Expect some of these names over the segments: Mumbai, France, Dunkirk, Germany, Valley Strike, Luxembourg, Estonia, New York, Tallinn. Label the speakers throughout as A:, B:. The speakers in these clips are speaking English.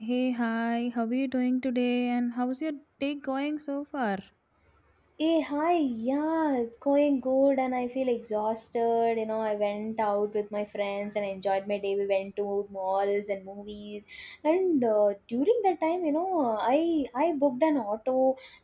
A: Hey, hi, how are you doing today and how's your day going so far?
B: Hey, hi, yeah, it's going good, and I feel exhausted. I went out with my friends and enjoyed my day. We went to malls and movies, and during that time, I booked an auto,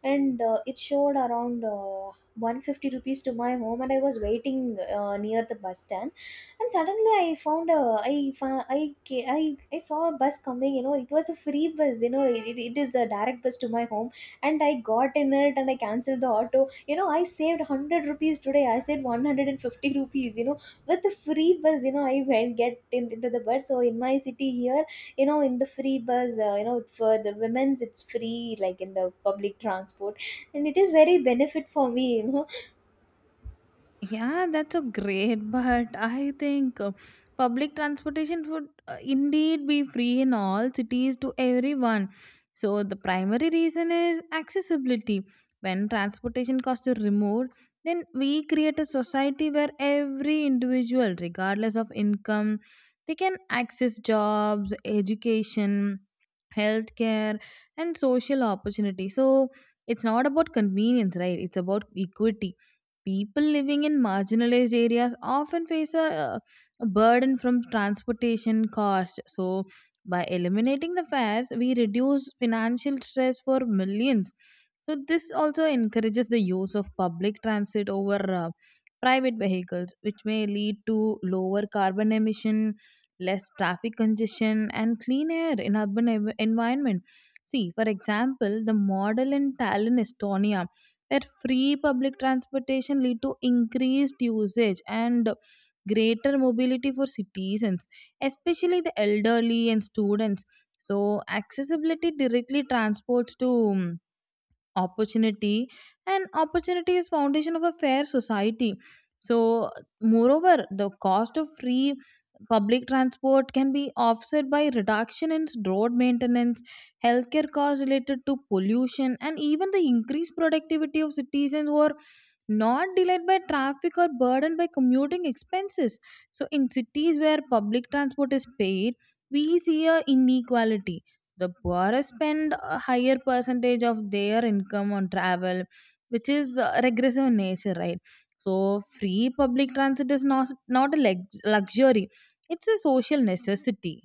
B: and it showed around 150 rupees to my home, and I was waiting near the bus stand, and suddenly I found a I found I ca- I saw a bus coming. It was a free bus. It is a direct bus to my home, and I got in it and I cancelled the auto. I saved 100 rupees today. I saved 150 rupees, with the free bus. I went get in, into the bus. So in my city here, in the free bus, for the women's, it's free, like in the public transport. And it is very benefit for me.
A: Yeah, that's a great, but I think public transportation would indeed be free in all cities to everyone. So the primary reason is accessibility. When transportation costs are removed, then we create a society where every individual, regardless of income, they can access jobs, education, healthcare, and social opportunity. So it's not about convenience, right? It's about equity. People living in marginalized areas often face a burden from transportation costs. So, by eliminating the fares, we reduce financial stress for millions. So this also encourages the use of public transit over private vehicles, which may lead to lower carbon emission, less traffic congestion, and clean air in urban environment. See, for example, the model in Tallinn, Estonia, where free public transportation lead to increased usage and greater mobility for citizens, especially the elderly and students. So accessibility directly transports to mm, opportunity, and opportunity is foundation of a fair society. So moreover, the cost of free public transport can be offset by reduction in road maintenance, healthcare costs related to pollution, and even the increased productivity of citizens who are not delayed by traffic or burdened by commuting expenses. So in cities where public transport is paid, we see a inequality. The poorer spend a higher percentage of their income on travel, which is regressive in nature, right? So, free public transit is not luxury, it's a social necessity.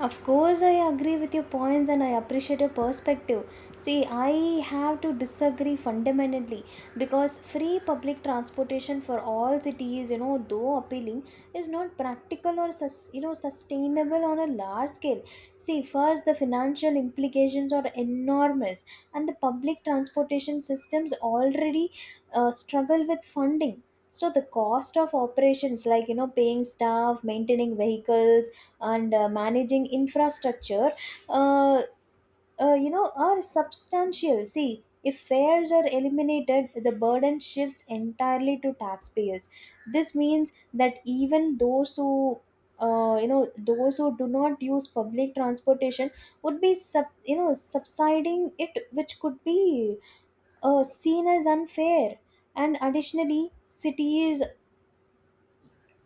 B: Of course, I agree with your points and I appreciate your perspective. See, I have to disagree fundamentally because free public transportation for all cities, though appealing, is not practical or sustainable on a large scale. See, first, the financial implications are enormous, and the public transportation systems already struggle with funding. So the cost of operations, like paying staff, maintaining vehicles, and managing infrastructure uh, are substantial. See, if fares are eliminated, the burden shifts entirely to taxpayers. This means that even those who do not use public transportation would be subsiding it, which could be seen as unfair. And additionally,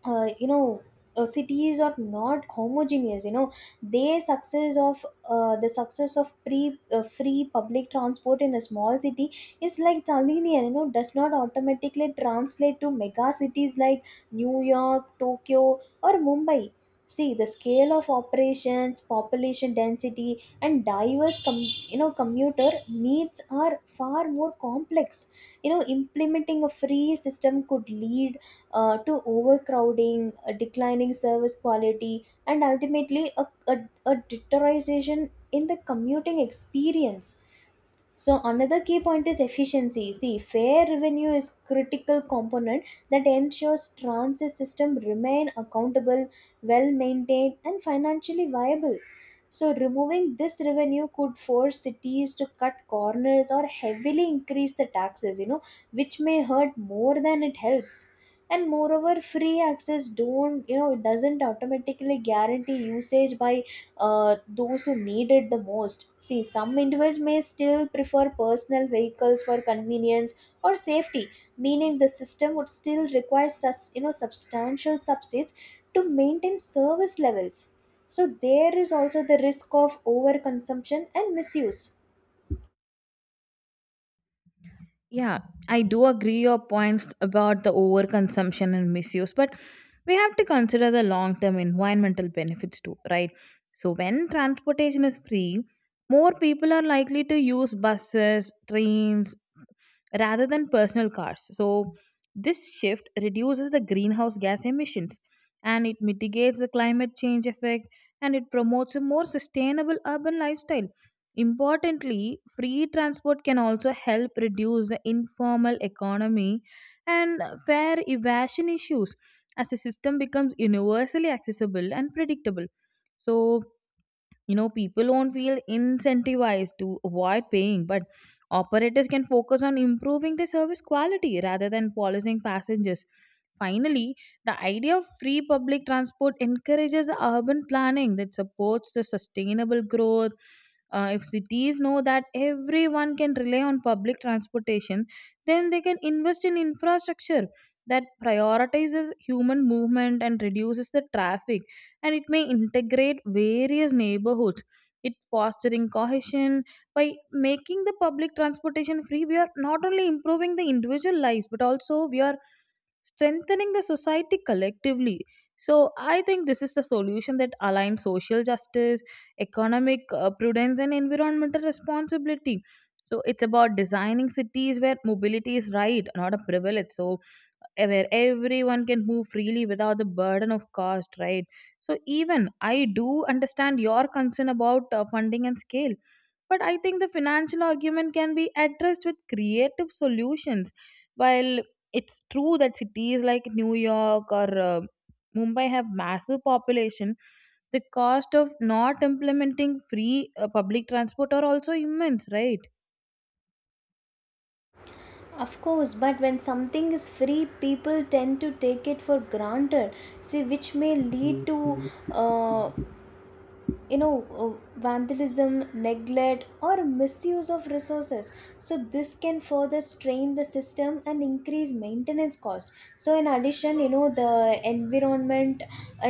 B: uh, you know cities are not homogeneous. The success of pre free public transport in a small city is like linear, does not automatically translate to mega cities like New York, Tokyo, or Mumbai. See, the scale of operations, population density, and diverse commuter needs are far more complex. Implementing a free system could lead to overcrowding, a declining service quality, and ultimately a deterioration in the commuting experience. So another key point is efficiency. See, fair revenue is critical component that ensures transit system remain accountable, well maintained, and financially viable. So removing this revenue could force cities to cut corners or heavily increase the taxes, which may hurt more than it helps. And moreover, free access don't, it doesn't automatically guarantee usage by those who need it the most. See, some individuals may still prefer personal vehicles for convenience or safety, meaning the system would still require substantial subsidies to maintain service levels. So there is also the risk of overconsumption and misuse.
A: Yeah, I do agree your points about the overconsumption and misuse, but we have to consider the long term environmental benefits too, right? So, when transportation is free, more people are likely to use buses, trains, rather than personal cars. So, this shift reduces the greenhouse gas emissions, and it mitigates the climate change effect, and it promotes a more sustainable urban lifestyle. Importantly, free transport can also help reduce the informal economy and fare evasion issues as the system becomes universally accessible and predictable. So, you know people won't feel incentivized to avoid paying, but operators can focus on improving the service quality rather than policing passengers. Finally, the idea of free public transport encourages the urban planning that supports the sustainable growth. If cities know that everyone can rely on public transportation, then they can invest in infrastructure that prioritizes human movement and reduces the traffic, and it may integrate various neighborhoods, it fostering cohesion. By making the public transportation free, we are not only improving the individual lives, but also we are strengthening the society collectively. So I think this is the solution that aligns social justice, economic prudence, and environmental responsibility. So it's about designing cities where mobility is right, not a privilege. So where everyone can move freely without the burden of cost, right? So even I do understand your concern about funding and scale, but I think the financial argument can be addressed with creative solutions. While it's true that cities like New York or Mumbai have massive population, the cost of not implementing free public transport are also immense, right?
B: Of course, but when something is free, people tend to take it for granted. See, which may lead to you know uh, vandalism, neglect, or misuse of resources. So this can further strain the system and increase maintenance cost. So, in addition, the environment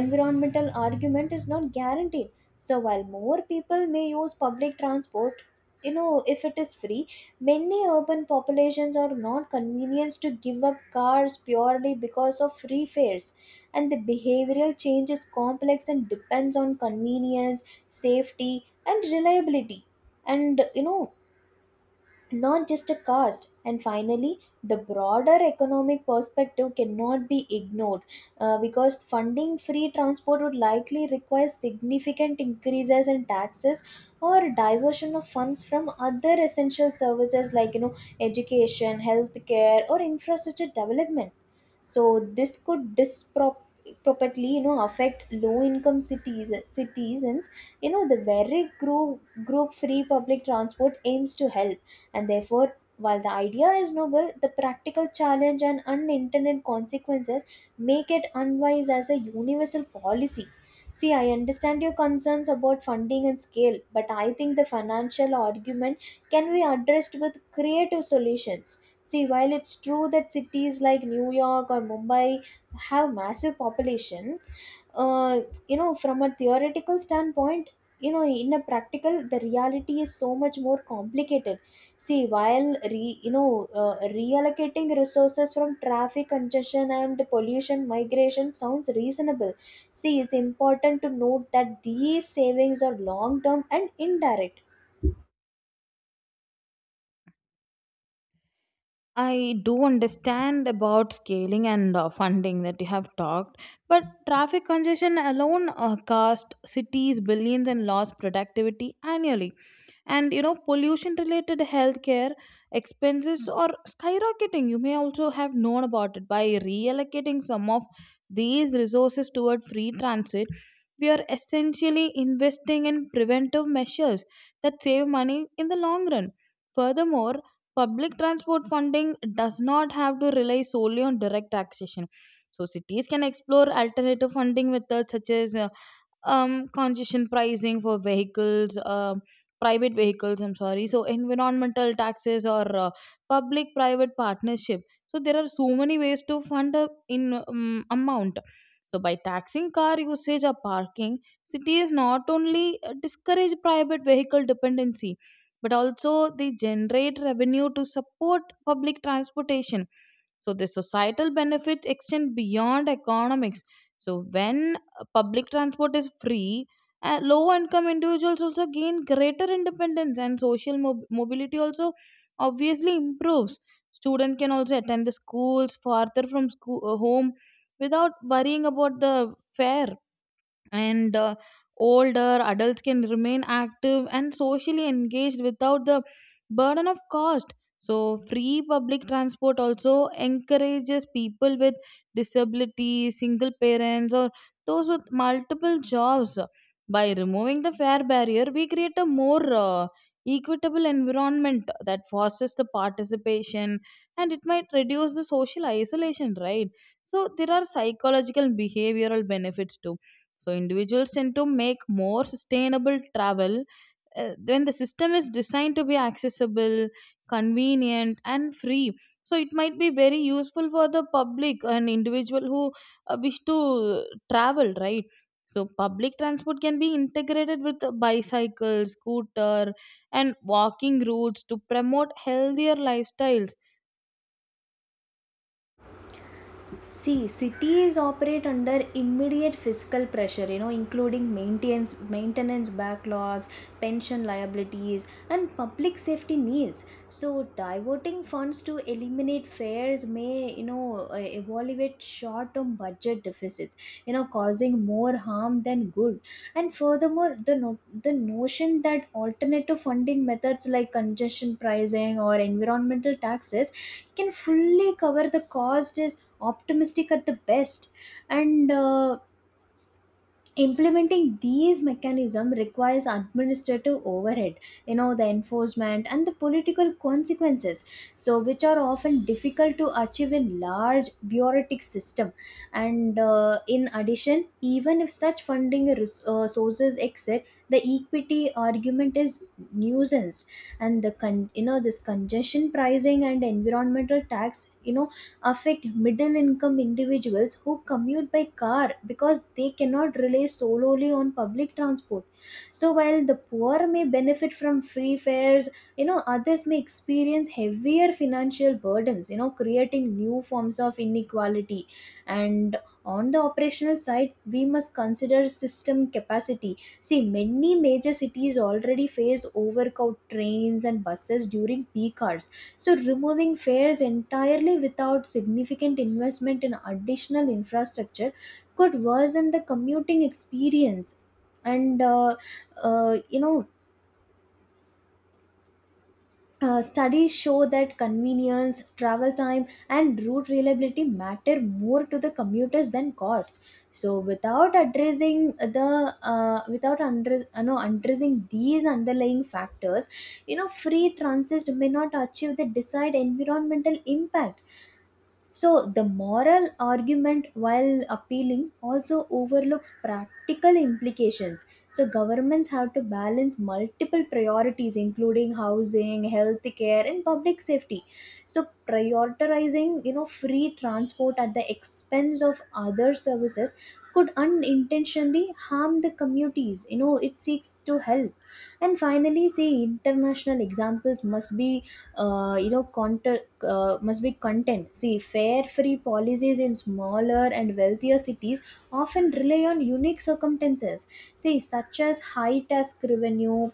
B: environmental argument is not guaranteed. So while more people may use public transport, you know if it is free. Many urban populations are not convinced to give up cars purely because of free fares, and the behavioral change is complex and depends on convenience, safety, and reliability. And not just a cost. And finally, the broader economic perspective cannot be ignored because funding free transport would likely require significant increases in taxes or diversion of funds from other essential services, like education, healthcare, or infrastructure development. So this could disproportionately affect low income cities citizens, the very group free public transport aims to help. And therefore, while the idea is noble, the practical challenge and unintended consequences make it unwise as a universal policy. See, I understand your concerns about funding and scale, but I think the financial argument can be addressed with creative solutions. See, while it's true that cities like New York or Mumbai have massive population, uh, from a theoretical standpoint, in a practical, the reality is so much more complicated. See, while reallocating resources from traffic congestion and pollution migration sounds reasonable. See, it's important to note that these savings are long term and indirect.
A: I do understand about scaling and funding that you have talked, but traffic congestion alone cost cities billions and lost productivity annually, and you know pollution related healthcare expenses are skyrocketing. You may also have known about it. By reallocating some of these resources toward free transit, we are essentially investing in preventive measures that save money in the long run. Furthermore, public transport funding does not have to rely solely on direct taxation. So cities can explore alternative funding methods such as congestion pricing for vehicles, private vehicles, I'm sorry. So, environmental taxes or public private partnership. So, there are so many ways to fund a in amount. So, by taxing car usage or parking, cities not only discourage private vehicle dependency, but also they generate revenue to support public transportation. So the societal benefits extend beyond economics. So when public transport is free, low income individuals also gain greater independence, and social mobility also obviously improves. Students can also attend the schools farther from school, home without worrying about the fare, and older adults can remain active and socially engaged without the burden of cost. So free public transport also encourages people with disabilities, single parents, or those with multiple jobs. By removing the fare barrier, we create a more equitable environment that fosters the participation, and it might reduce the social isolation, right? So there are psychological and behavioral benefits too. So individuals tend to make more sustainable travel when the system is designed to be accessible, convenient, and free. So it might be very useful for the public and individual who wish to travel, right? So public transport can be integrated with bicycles, scooter, and walking routes to promote healthier lifestyles.
B: See, cities operate under immediate fiscal pressure, including maintenance backlogs, pension liabilities, and public safety needs. So, diverting funds to eliminate fares may, evaluate short-term budget deficits, causing more harm than good. And furthermore, the the notion that alternative funding methods like congestion pricing or environmental taxes can fully cover the cost is optimistic at the best. And implementing these mechanism requires administrative overhead, the enforcement, and the political consequences, so which are often difficult to achieve in large bureaucratic system. And in addition, even if such funding sources exist, the equity argument is nuisance. And the con- you know this congestion pricing and environmental tax affect middle income individuals who commute by car because they cannot rely solely on public transport. So while the poor may benefit from free fares, others may experience heavier financial burdens, creating new forms of inequality. And on the operational side, we must consider system capacity. See, many major cities already face overcrowded trains and buses during peak hours. So, removing fares entirely without significant investment in additional infrastructure could worsen the commuting experience. And, uh, you know, studies show that convenience, travel time, and route reliability matter more to the commuters than cost. So, without addressing the without address, no, addressing these underlying factors, free transit may not achieve the desired environmental impact. So, the moral argument, while appealing, also overlooks practical implications. So, governments have to balance multiple priorities, including housing, health care, and public safety. So, prioritizing, free transport at the expense of other services could unintentionally harm the communities. It seeks to help. And finally, see, international examples must be, you know, counter must be content. See, fare free policies in smaller and wealthier cities often rely on unique circumstances, see, such as high tax revenue,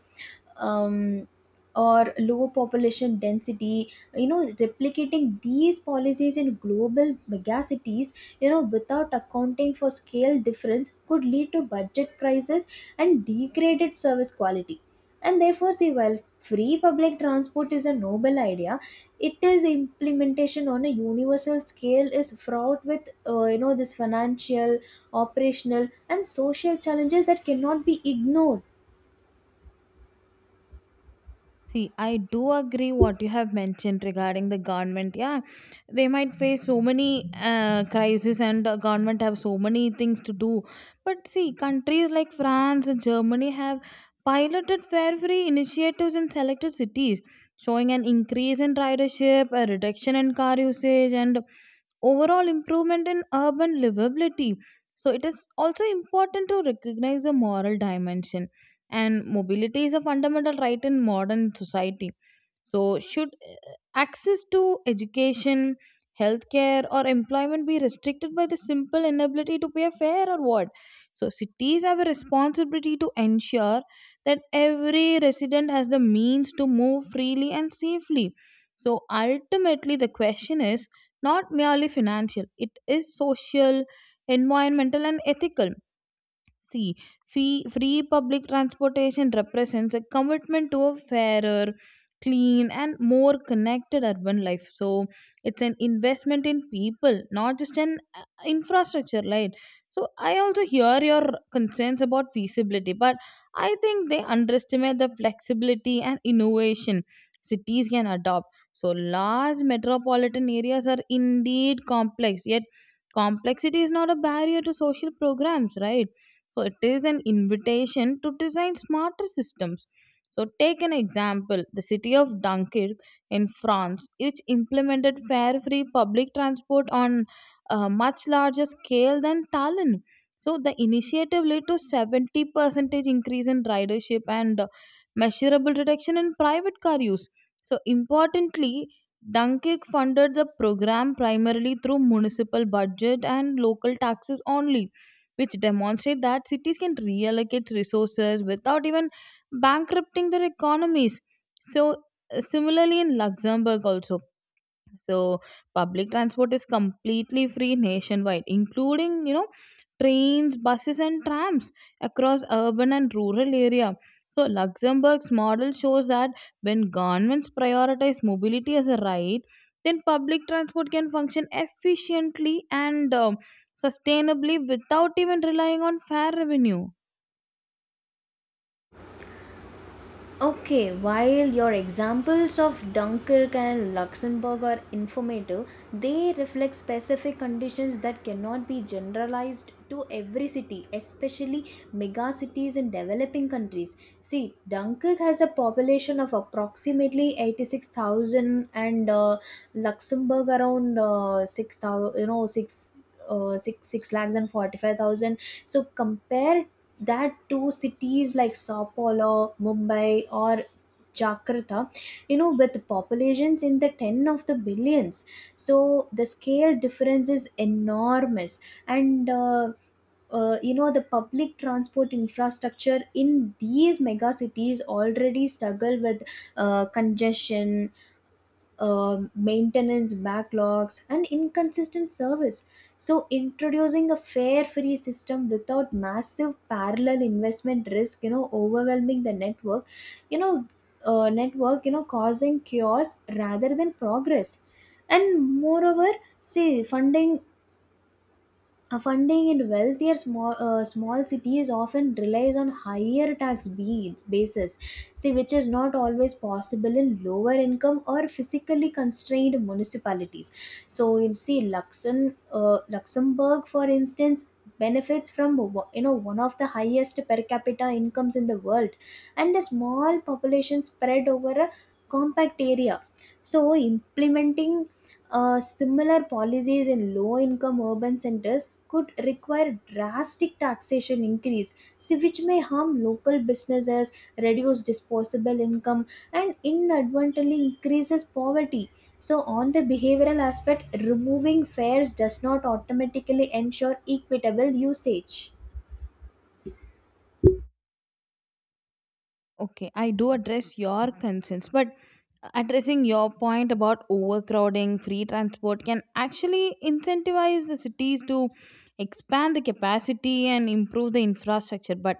B: um, or low population density. You know replicating these policies in global megacities, without accounting for scale difference, could lead to budget crisis and degraded service quality. And therefore, see, while free public transport is a noble idea, it is implementation on a universal scale is fraught with this financial, operational, and social challenges that cannot be ignored.
A: See, I do agree what you have mentioned regarding the government. Yeah, they might face so many crises, and the government have so many things to do. But see, countries like France and Germany have piloted fare-free initiatives in selected cities, showing an increase in ridership, a reduction in car usage, and overall improvement in urban livability. So it is also important to recognize the moral dimension, and mobility is a fundamental right in modern society. So, should access to education, healthcare, or employment be restricted by the simple inability to pay a fare or what? So, cities have a responsibility to ensure that every resident has the means to move freely and safely. So, ultimately, the question is not merely financial, it is social, environmental, and ethical. See, free public transportation represents a commitment to a fairer, clean, and more connected urban life. So, it's an investment in people, not just an infrastructure, right? So, I also hear your concerns about feasibility, but I think they underestimate the flexibility and innovation cities can adopt. So, large metropolitan areas are indeed complex, yet complexity is not a barrier to social programs, right? So it is an invitation to design smarter systems. So take an example, the city of Dunkirk in France, which implemented fare-free public transport on a much larger scale than Tallinn. So the initiative led to 70 percentage increase in ridership, and measurable reduction in private car use. So importantly, Dunkirk funded the program primarily through municipal budget and local taxes only, which demonstrate that cities can reallocate resources without even bankrupting their economies. So, similarly, in Luxembourg, also. So public transport is completely free nationwide, including you know trains, buses, and trams across urban and rural area. So Luxembourg's model shows that when governments prioritize mobility as a right, then public transport can function efficiently and sustainably without even relying on fare revenue.
B: Okay, while your examples of Dunkirk and Luxembourg are informative, they reflect specific conditions that cannot be generalized to every city, especially mega cities in developing countries. See, Dunkirk has a population of approximately 86,000, and Luxembourg around 6,000, 6 6 lakhs and 45,000. So compare that two cities like Sao Paulo, Mumbai, or Jakarta, with populations in the 10 of the billions. So the scale difference is enormous. And the public transport infrastructure in these mega cities already struggle with congestion, maintenance backlogs, and inconsistent service. So, introducing a fare free system without massive parallel investment risk, overwhelming the you know, network, causing chaos rather than progress. And moreover, see, funding in wealthier small cities often relies on higher tax beads, basis, see, which is not always possible in lower income or physically constrained municipalities. So you see, Luxembourg, for instance, benefits from one of the highest per capita incomes in the world, and the small population spread over a compact area. So implementing similar policies in low income urban centers could require drastic taxation increase, so which may harm local businesses, reduce disposable income, and inadvertently increases poverty. So on the behavioral aspect, removing fares does not automatically ensure equitable usage.
A: Okay, I do address your concerns, but addressing your point about overcrowding, free transport can actually incentivize the cities to expand the capacity and improve the infrastructure. But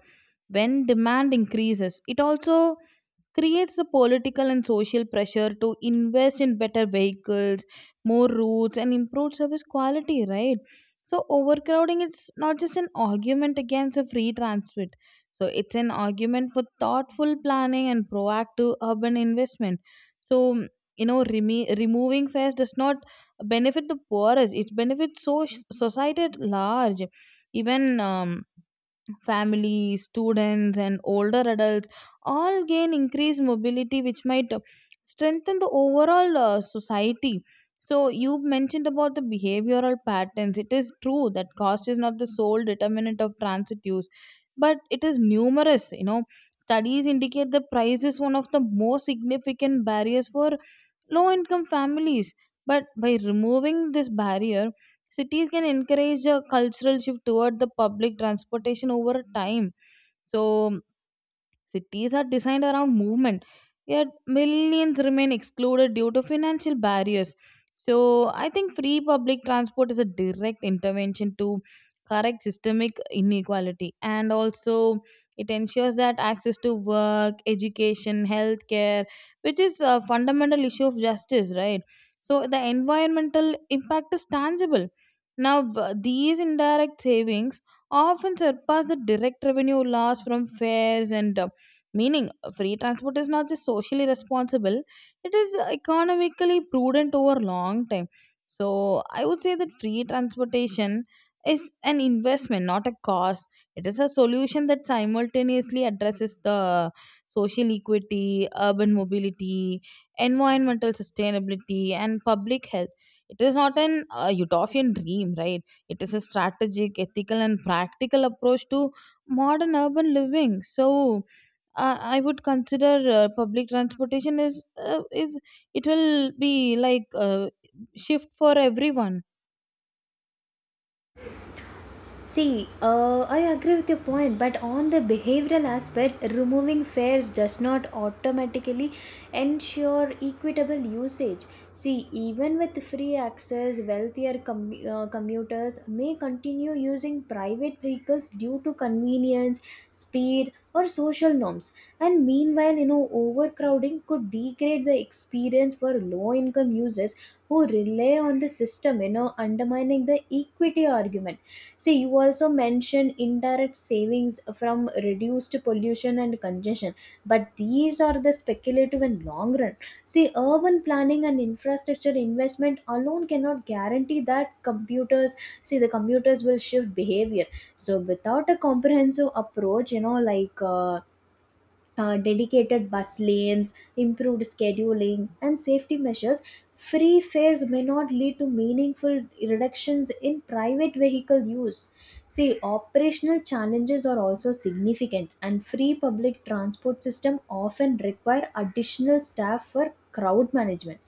A: when demand increases, it also creates the political and social pressure to invest in better vehicles, more routes, and improved service quality, right? So, overcrowding is not just an argument against a free transit, so it's an argument for thoughtful planning and proactive urban investment. So you know, reme removing fares does not benefit the poorest; it benefits so society at large. Even family, students, and older adults all gain increased mobility, which might strengthen the overall society. So, you mentioned about the behavioral patterns. It is true that cost is not the sole determinant of transit use, but it is numerous. You know, studies indicate the price is one of the most significant barriers for low income families. But by removing this barrier, cities can encourage a cultural shift toward the public transportation over time. So, cities are designed around movement, yet millions remain excluded due to financial barriers. So, I think free public transport is a direct intervention to correct systemic inequality, and also it ensures that access to work, education, healthcare, which is a fundamental issue of justice, right? So the environmental impact is tangible now. These indirect savings often surpass the direct revenue loss from fares and meaning, free transport is not just socially responsible, it is economically prudent over long time. So, I would say that free transportation is an investment, not a cost. It is a solution that simultaneously addresses the social equity, urban mobility, environmental sustainability, and public health. It is not an utopian dream, right? It is a strategic, ethical, and practical approach to modern urban living. So, I would consider public transportation is it will be like shift for everyone.
B: See, I agree with your point, but on the behavioral aspect, removing fares does not automatically ensure equitable usage. See, even with free access, wealthier commuters may continue using private vehicles due to convenience, speed, or social norms. And meanwhile, overcrowding could degrade the experience for low income users who rely on the system, undermining the equity argument. See, you also mentioned indirect savings from reduced pollution and congestion, but these are the speculative and long run. See, urban planning and infrastructure investment alone cannot guarantee that computers, see, the computers will shift behavior. So, without a comprehensive approach, like dedicated bus lanes, improved scheduling, and safety measures, free fares may not lead to meaningful reductions in private vehicle use. See, operational challenges are also significant, and free public transport system often require additional staff for crowd management.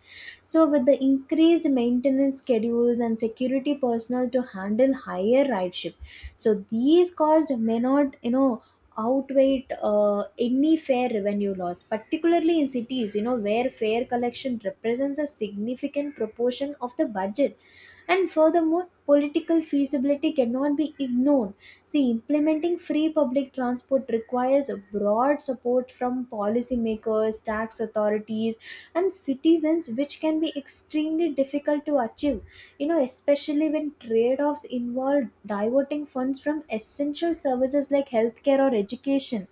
B: So, with the increased maintenance schedules and security personnel to handle higher ridership, so these costs may not outweigh any fair revenue loss, particularly in cities, where fair collection represents a significant proportion of the budget. And furthermore, political feasibility cannot be ignored. See, implementing free public transport requires a broad support from policymakers, tax authorities, and citizens, which can be extremely difficult to achieve especially when trade-offs involve diverting funds from essential services like healthcare or education.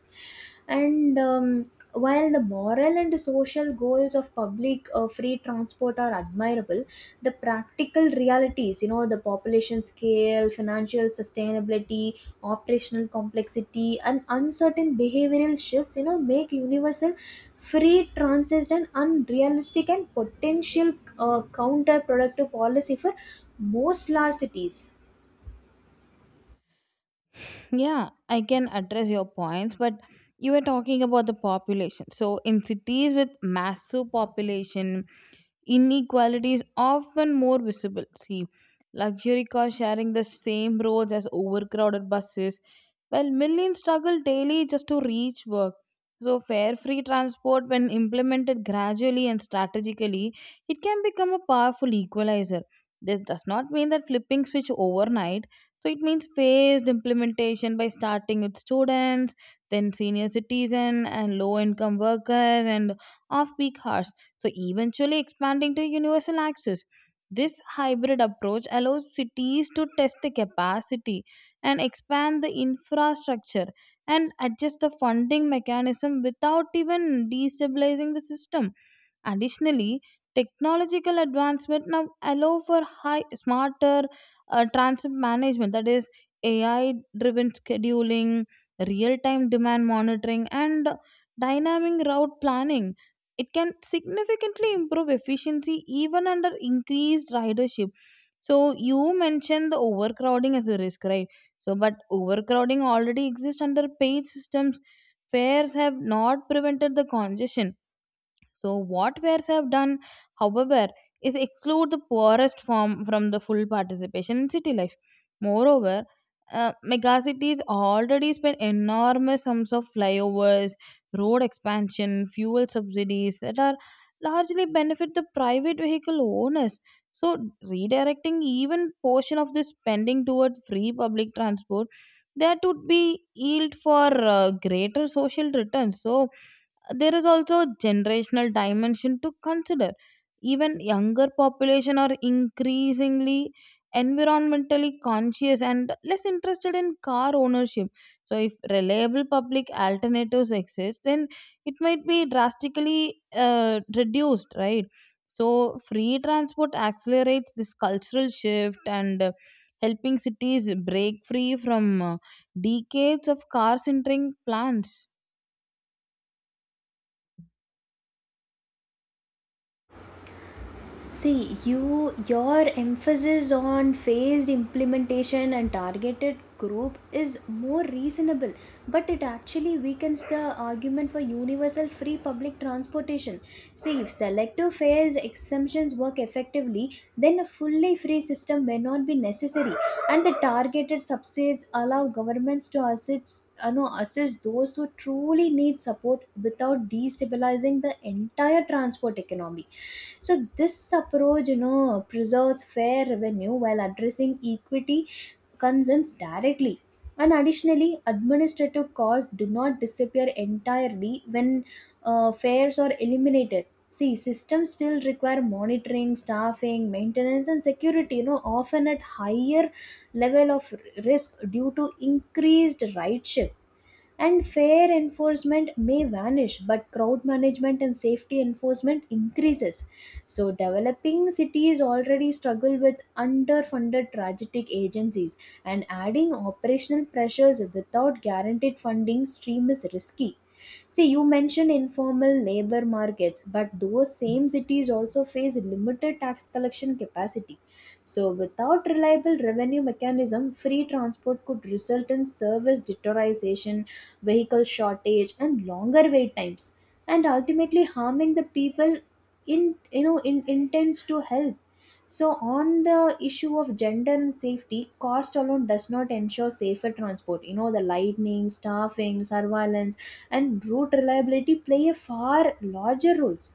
B: And While the moral and social goals of public free transport are admirable, the practical realities, the population scale, financial sustainability, operational complexity, and uncertain behavioral shifts, make universal free transit an unrealistic and potential counterproductive policy for most large cities.
A: Yeah, I can address your points, but you were talking about the population. So in cities with massive population, inequality is often more visible. See, luxury cars sharing the same roads as overcrowded buses, while millions struggle daily just to reach work. So, fare free transport, when implemented gradually and strategically, it can become a powerful equalizer. This does not mean that flipping switch overnight. So, it means phased implementation by starting with students, then senior citizen and low income workers and off peak hours, so eventually expanding to universal access. This hybrid approach allows cities to test the capacity and expand the infrastructure and adjust the funding mechanism without even destabilizing the system. Additionally, technological advancement now allow for high smarter transit management, that is AI driven scheduling, real time demand monitoring, and dynamic route planning. It can significantly improve efficiency even under increased ridership. So you mentioned the overcrowding as a risk, right? So but overcrowding already exists under paid systems. Fares have not prevented the congestion. So, what wares have done, however, is exclude the poorest form from the full participation in city life. Moreover, megacities already spend enormous sums of flyovers, road expansion, fuel subsidies that are largely benefit the private vehicle owners. So, redirecting even portion of this spending toward free public transport, that would be yield for greater social returns. So, there is also a generational dimension to consider. Even younger population are increasingly environmentally conscious and less interested in car ownership. So if reliable public alternatives exist, then it might be drastically reduced, right? So free transport accelerates this cultural shift and helping cities break free from decades of car centering plans.
B: See, your emphasis on phased implementation and targeted group is more reasonable, but it actually weakens the argument for universal free public transportation. See, if selective phase exemptions work effectively, then a fully free system may not be necessary, and the targeted subsidies allow governments to assist, no, assist those who truly need support without destabilizing the entire transport economy. So this approach, preserves fair revenue while addressing equity concerns directly. And additionally, administrative costs do not disappear entirely when fares are eliminated. See, systems still require monitoring, staffing, maintenance, and security, often at higher level of risk due to increased rideship. And fair enforcement may vanish, but crowd management and safety enforcement increases. So, developing cities already struggle with underfunded tragic agencies, and adding operational pressures without guaranteed funding stream is risky. See, you mentioned informal labor markets, but those same cities also face limited tax collection capacity. So, without reliable revenue mechanism, free transport could result in service deterioration, vehicle shortage, and longer wait times, and ultimately harming the people in you know in intends to help. So on the issue of gender and safety, cost alone does not ensure safer transport, the lightning, staffing, surveillance, and route reliability play a far larger roles.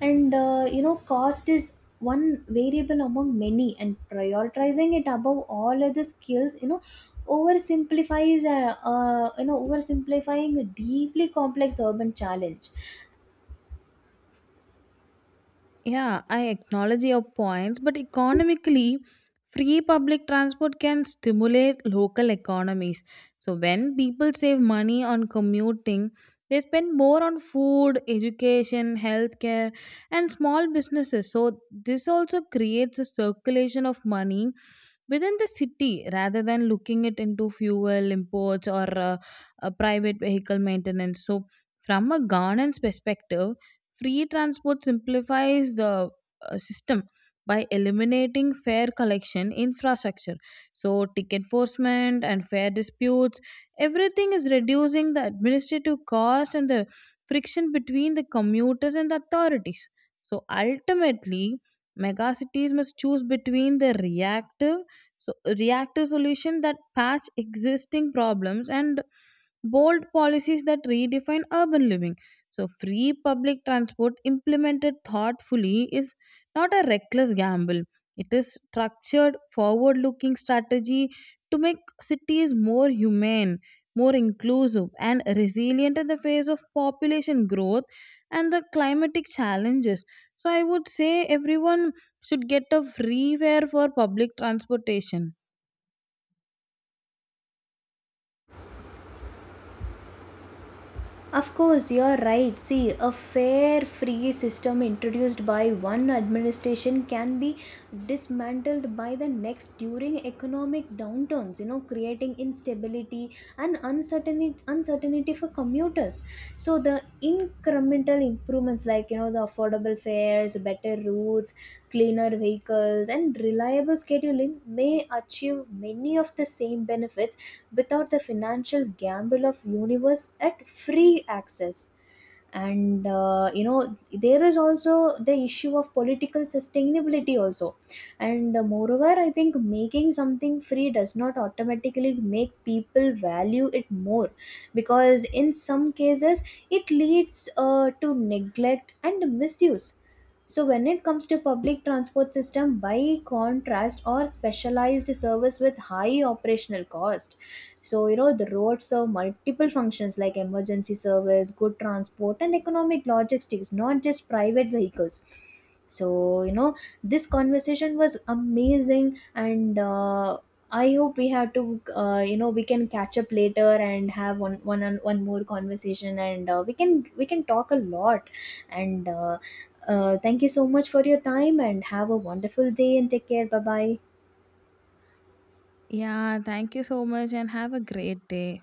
B: And cost is one variable among many, and prioritizing it above all other skills oversimplifies, oversimplifying a deeply complex urban challenge.
A: Yeah, I acknowledge your points, but economically, free public transport can stimulate local economies. So, when people save money on commuting, they spend more on food, education, healthcare, and small businesses. So, this also creates a circulation of money within the city rather than looking it into fuel imports or private vehicle maintenance. So, from a governance perspective, free transport simplifies the system by eliminating fare collection infrastructure. So, ticket enforcement and fare disputes, everything is reducing the administrative cost and the friction between the commuters and the authorities. So, ultimately, megacities must choose between the reactive, so reactive solution that patch existing problems and bold policies that redefine urban living. So, free public transport implemented thoughtfully is not a reckless gamble. It is structured, forward looking strategy to make cities more humane, more inclusive, and resilient in the face of population growth and the climatic challenges. So, I would say everyone should get a free fare for public transportation.
B: Of course, you're right. See, a fair free system introduced by one administration can be dismantled by the next during economic downturns, you know, creating instability and uncertainty for commuters. So the incremental improvements like, you know, the affordable fares, better routes, cleaner vehicles, and reliable scheduling may achieve many of the same benefits without the financial gamble of universe at free access. And there is also the issue of political sustainability also. And Moreover, I think making something free does not automatically make people value it more, because in some cases it leads to neglect and misuse. So when it comes to public transport system, by contrast or specialized service with high operational cost. So, you know, the roads serve multiple functions like emergency service, good transport, and economic logistics, not just private vehicles. So, you know, this conversation was amazing, and I hope we have to, we can catch up later and have one more conversation, and we can talk a lot. And Thank you so much for your time, and have a wonderful day, and take care. Bye bye.
A: Yeah, thank you so much and have a great day.